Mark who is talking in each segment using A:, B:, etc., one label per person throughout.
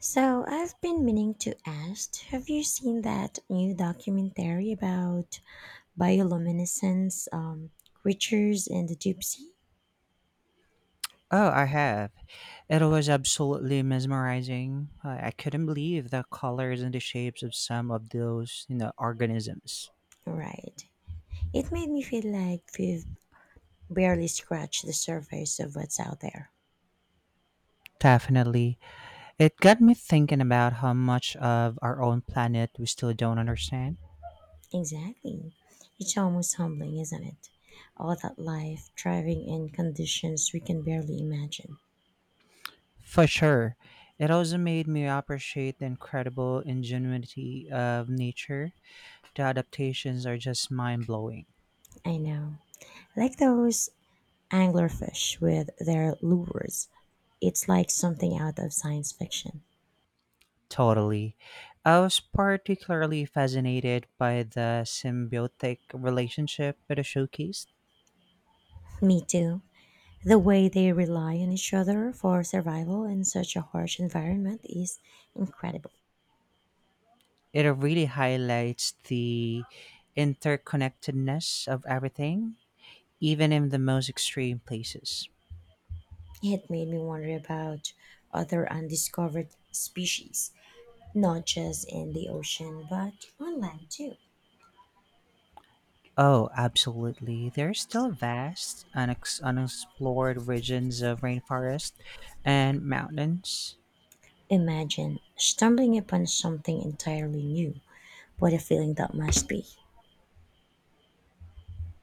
A: So, I've been meaning to ask, have you seen that new documentary about bioluminescence creatures in the deep sea?
B: Oh, I have. It was absolutely mesmerizing. I couldn't believe the colors and the shapes of some of those organisms.
A: Right. It made me feel like we've barely scratched the surface of what's out there.
B: Definitely. It got me thinking about how much of our own planet we still don't understand.
A: Exactly. It's almost humbling, isn't it? All that life thriving in conditions we can barely imagine.
B: For sure. It also made me appreciate the incredible ingenuity of nature. The adaptations are just mind blowing.
A: I know. Like those anglerfish with their lures. It's like something out of science fiction.
B: Totally. I was particularly fascinated by the symbiotic relationship it showcased.
A: Me too. The way they rely on each other for survival in such a harsh environment is incredible.
B: It really highlights the interconnectedness of everything, even in the most extreme places.
A: It made me wonder about other undiscovered species, not just in the ocean, but on land too.
B: Oh, absolutely. There are still vast, unexplored regions of rainforest and mountains.
A: Imagine stumbling upon something entirely new. What a feeling that must be.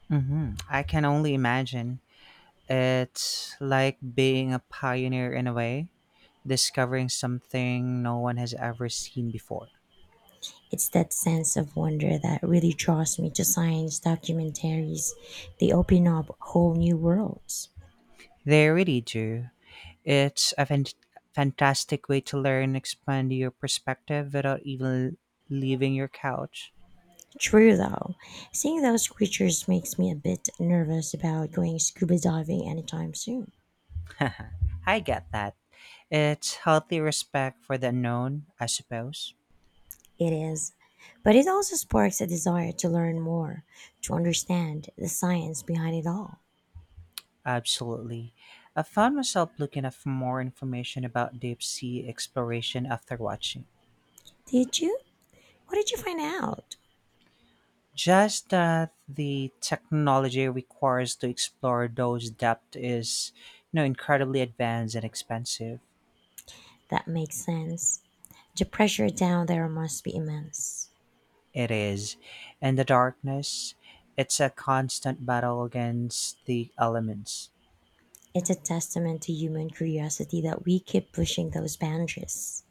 B: I can only imagine. It's like being a pioneer in a way, discovering something no one has ever seen before.
A: It's that sense of wonder that really draws me to science documentaries. They open up whole new worlds.
B: They really do. It's a fantastic way to learn, expand your perspective without even leaving your couch.
A: True though, seeing those creatures makes me a bit nervous about going scuba diving anytime soon.
B: I get that. It's healthy respect for the unknown, I suppose.
A: It is, but it also sparks a desire to learn more, to understand the science behind it all.
B: Absolutely. I found myself looking up for more information about deep sea exploration after watching.
A: Did you? What did you find out?
B: Just that the technology requires to explore those depths is, incredibly advanced and expensive.
A: That makes sense. The pressure down there must be immense.
B: It is. And the darkness, it's a constant battle against the elements.
A: It's a testament to human curiosity that we keep pushing those boundaries.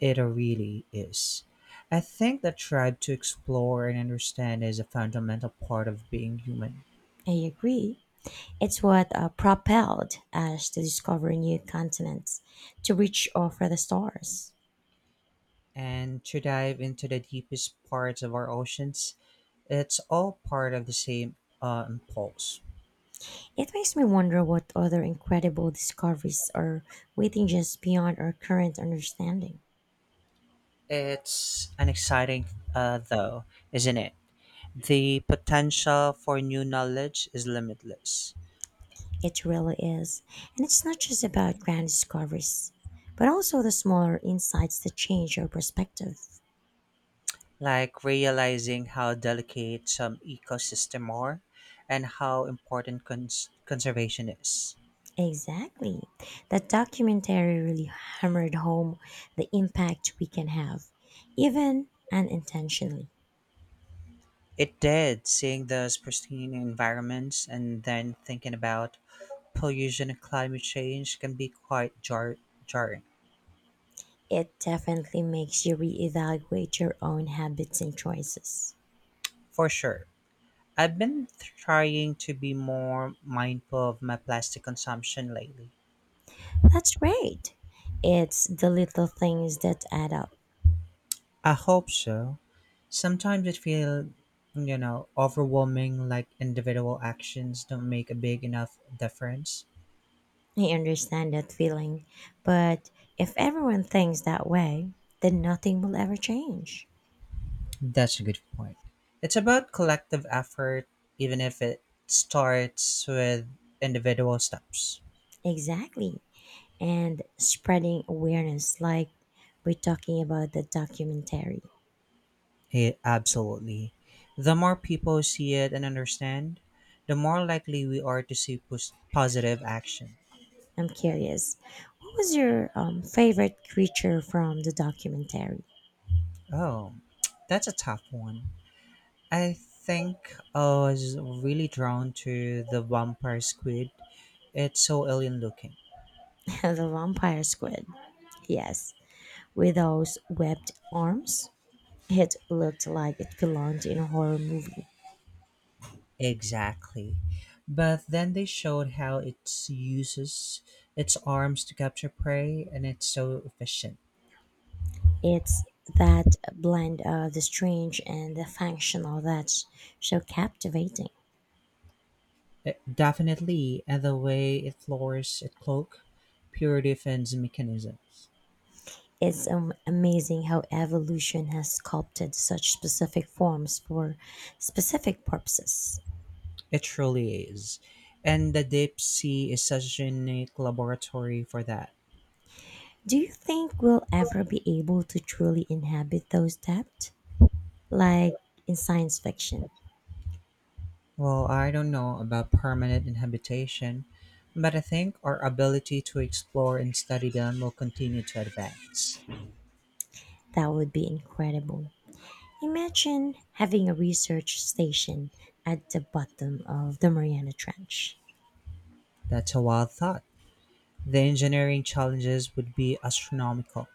B: It really is. I think that drive to explore and understand is a fundamental part of being human.
A: I agree. It's what propelled us to discover new continents, to reach out for the stars.
B: And to dive into the deepest parts of our oceans, it's all part of the same impulse.
A: It makes me wonder what other incredible discoveries are waiting just beyond our current understanding.
B: It's an exciting, though, isn't it? The potential for new knowledge is limitless.
A: It really is. And it's not just about grand discoveries, but also the smaller insights that change our perspective.
B: Like realizing how delicate some ecosystem are and how important conservation is.
A: Exactly. That documentary really hammered home the impact we can have, even unintentionally.
B: It did, seeing those pristine environments and then thinking about pollution and climate change can be quite jarring,
A: It definitely makes you reevaluate your own habits and choices.
B: for sure. I've been trying to be more mindful of my plastic consumption lately.
A: That's great. It's the little things that add up.
B: I hope so. Sometimes it feels overwhelming, like individual actions don't make a big enough difference.
A: I understand that feeling, but if everyone thinks that way, then nothing will ever change.
B: That's a good point. It's about collective effort, even if it starts with individual steps.
A: Exactly. And spreading awareness, like we're talking about the documentary.
B: It, absolutely. The more people see it and understand, the more likely we are to see positive action.
A: I'm curious, what was your favorite creature from the documentary?
B: Oh, that's a tough one. I think I was really drawn to the vampire squid. It's so alien looking.
A: The vampire squid. Yes. With those webbed arms, it looked like it belonged in a horror movie.
B: Exactly. But then they showed how it uses its arms to capture prey and it's so efficient.
A: It's that blend of the strange and the functional that's so captivating.
B: Definitely, and the way it lowers its cloak, pure defense mechanisms.
A: It's amazing how evolution has sculpted such specific forms for specific purposes.
B: It truly is. And the deep sea is such a unique laboratory for that.
A: Do you think we'll ever be able to truly inhabit those depths? Like in science fiction,
B: Well, I don't know about permanent inhabitation, but I think our ability to explore and study them will continue to advance.
A: that would be incredible. Imagine having a research station at the bottom of the Mariana Trench.
B: That's a wild thought. The engineering challenges would be astronomical.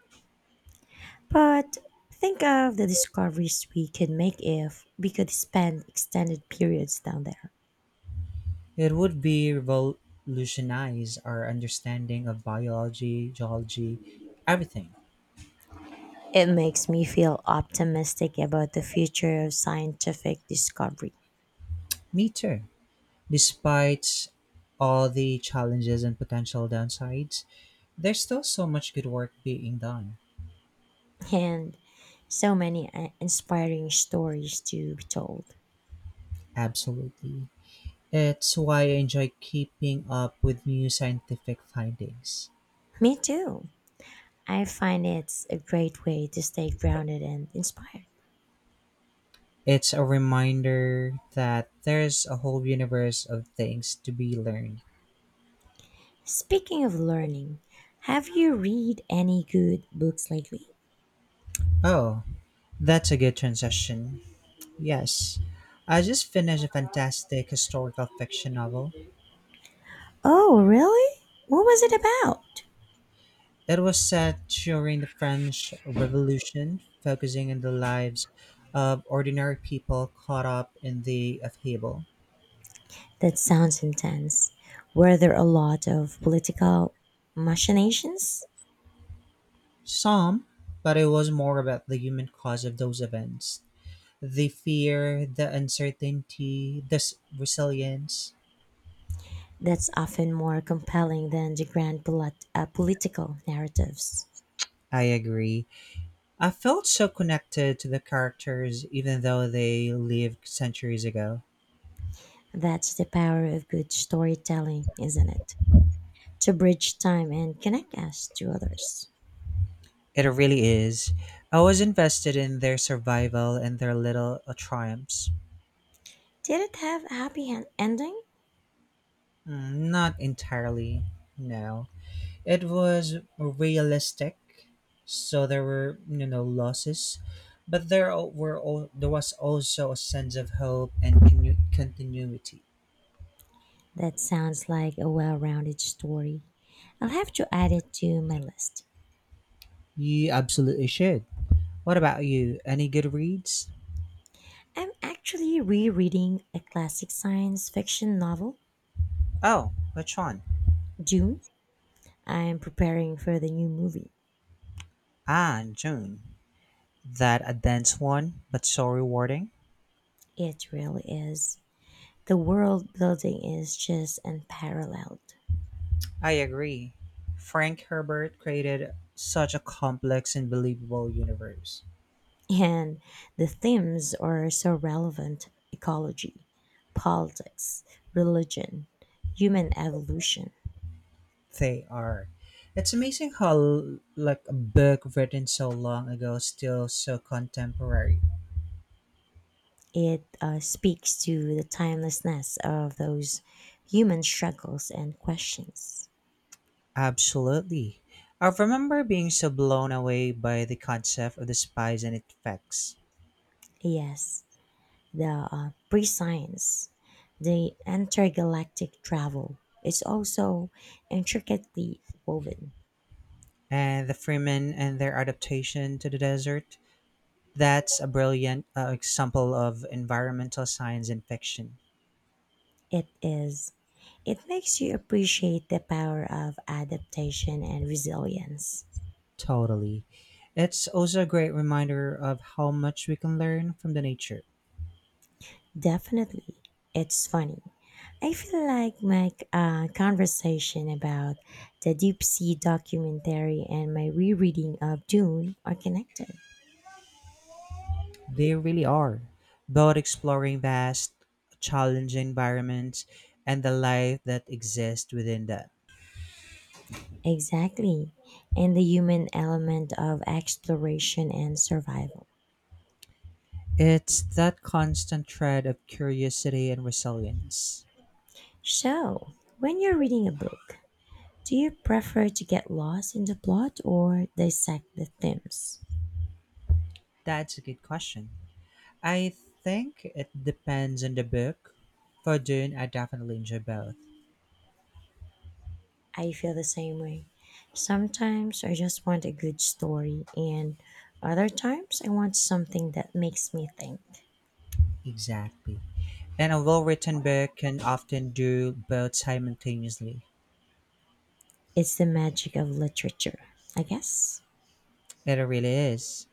A: But think of the discoveries we could make if we could spend extended periods down there.
B: It would be revolutionize our understanding of biology, geology, everything.
A: It makes me feel optimistic about the future of scientific discovery
B: Me too. Despite all the challenges and potential downsides, there's still so much good work being done.
A: and so many inspiring stories to be told.
B: Absolutely. It's why I enjoy keeping up with new scientific findings.
A: Me too. I find it's a great way to stay grounded and inspired.
B: It's a reminder that there's a whole universe of things to be learned.
A: Speaking of learning, have you read any good books lately?
B: Oh, that's a good transition. Yes, I just finished a fantastic historical fiction novel.
A: Oh, really? What was it about?
B: It was set during the French Revolution, focusing on the lives of ordinary people caught up in the upheaval.
A: That sounds intense. Were there a lot of political machinations?
B: Some, but it was more about the human cause of those events: the fear, the uncertainty, the resilience.
A: That's often more compelling than the grand political narratives.
B: I agree. I felt so connected to the characters even though they lived centuries ago.
A: That's the power of good storytelling, isn't it? To bridge time and connect us to others.
B: It really is. I was invested in their survival and their little triumphs.
A: Did it have a happy ending?
B: Not entirely, no. It was realistic, so there were losses, but there o- were al- there was also a sense of hope and continuity.
A: That sounds like a well rounded story. I'll have to add it to my list.
B: You absolutely should. What about you? Any good reads?
A: I'm actually rereading a classic science fiction novel,
B: Oh, which one?
A: Dune. I'm preparing for the new movie.
B: Ah, June. That a dense one, but so rewarding.
A: It really is. The world building is just unparalleled.
B: I agree. Frank Herbert created such a complex and believable universe.
A: And the themes are so relevant ecology, politics, religion, human evolution.
B: They are. It's amazing how like a book written so long ago still so contemporary.
A: It speaks to the timelessness of those human struggles and questions.
B: Absolutely. I remember being so blown away by the concept of the spies and effects.
A: Yes, the pre science, the intergalactic travel is also intricately woven.
B: And the Freemen and their adaptation to the desert. That's a brilliant example of environmental science in fiction.
A: It is. It makes you appreciate the power of adaptation and resilience.
B: Totally. It's also a great reminder of how much we can learn from the nature.
A: Definitely. It's funny. I feel like my conversation about the Deep Sea documentary and my rereading of Dune are connected.
B: They really are. Both exploring vast, challenging environments and the life that exists within them.
A: Exactly. And the human element of exploration and survival.
B: It's that constant thread of curiosity and resilience.
A: So, when you're reading a book, do you prefer to get lost in the plot or dissect the themes?
B: That's a good question. I think it depends on the book. For Dune, I definitely enjoy both.
A: I feel the same way. Sometimes I just want a good story, and other times I want something that makes me think.
B: Exactly. And a well written book can often do both simultaneously.
A: It's the magic of literature, I guess.
B: It really is.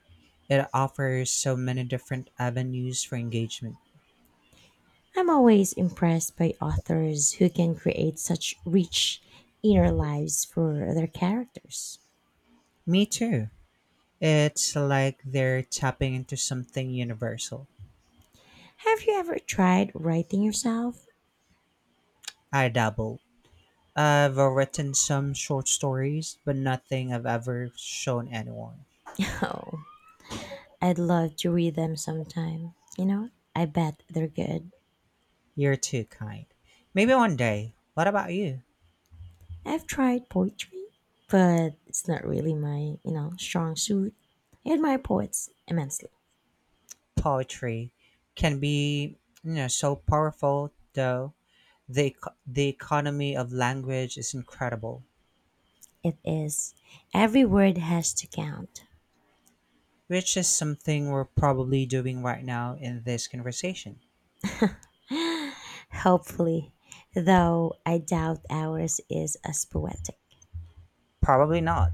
B: It offers so many different avenues for engagement.
A: I'm always impressed by authors who can create such rich inner lives for their characters.
B: Me too. It's like they're tapping into something universal.
A: Have you ever tried writing yourself?
B: I dabble. I've written some short stories, but nothing I've ever shown anyone.
A: Oh, I'd love to read them sometime. I bet they're good.
B: You're too kind. Maybe one day. What about you?
A: I've tried poetry, but it's not really my strong suit. I admire poets immensely.
B: Poetry can be, so powerful though. The the economy of language is incredible,
A: It is every word has to count.
B: which is something we're probably doing right now in this conversation.
A: Hopefully, though I doubt ours is as poetic.
B: Probably not,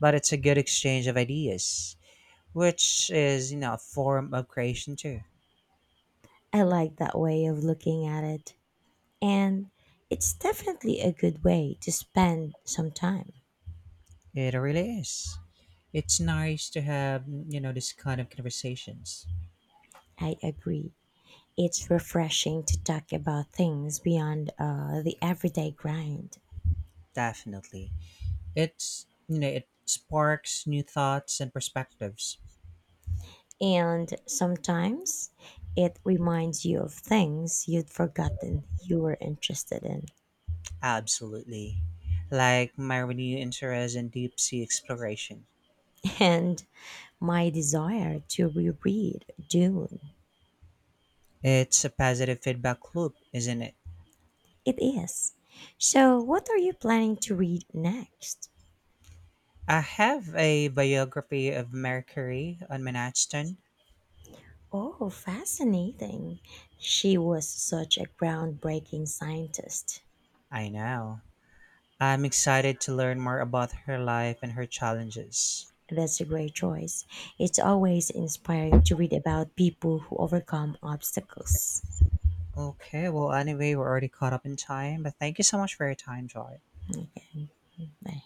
B: but it's a good exchange of ideas, which is, a form of creation too.
A: I like that way of looking at it, and it's definitely a good way to spend some time.
B: It really is. It's nice to have, this kind of conversations.
A: I agree. It's refreshing to talk about things beyond the everyday grind.
B: Definitely. It's, it sparks new thoughts and perspectives.
A: And sometimes it reminds you of things you'd forgotten you were interested in.
B: Absolutely. Like my renewed interest in deep sea exploration.
A: And my desire to reread Dune.
B: It's a positive feedback loop, isn't it?
A: It is. So, what are you planning to read next?
B: I have a biography of Marie Curie on my nightstand.
A: Oh, fascinating. She was such a groundbreaking scientist.
B: I know. I'm excited to learn more about her life and her challenges.
A: That's a great choice. It's always inspiring to read about people who overcome obstacles.
B: Okay, well, anyway, we're already caught up in time, but thank you so much for your time, Joy.
A: Okay. Bye.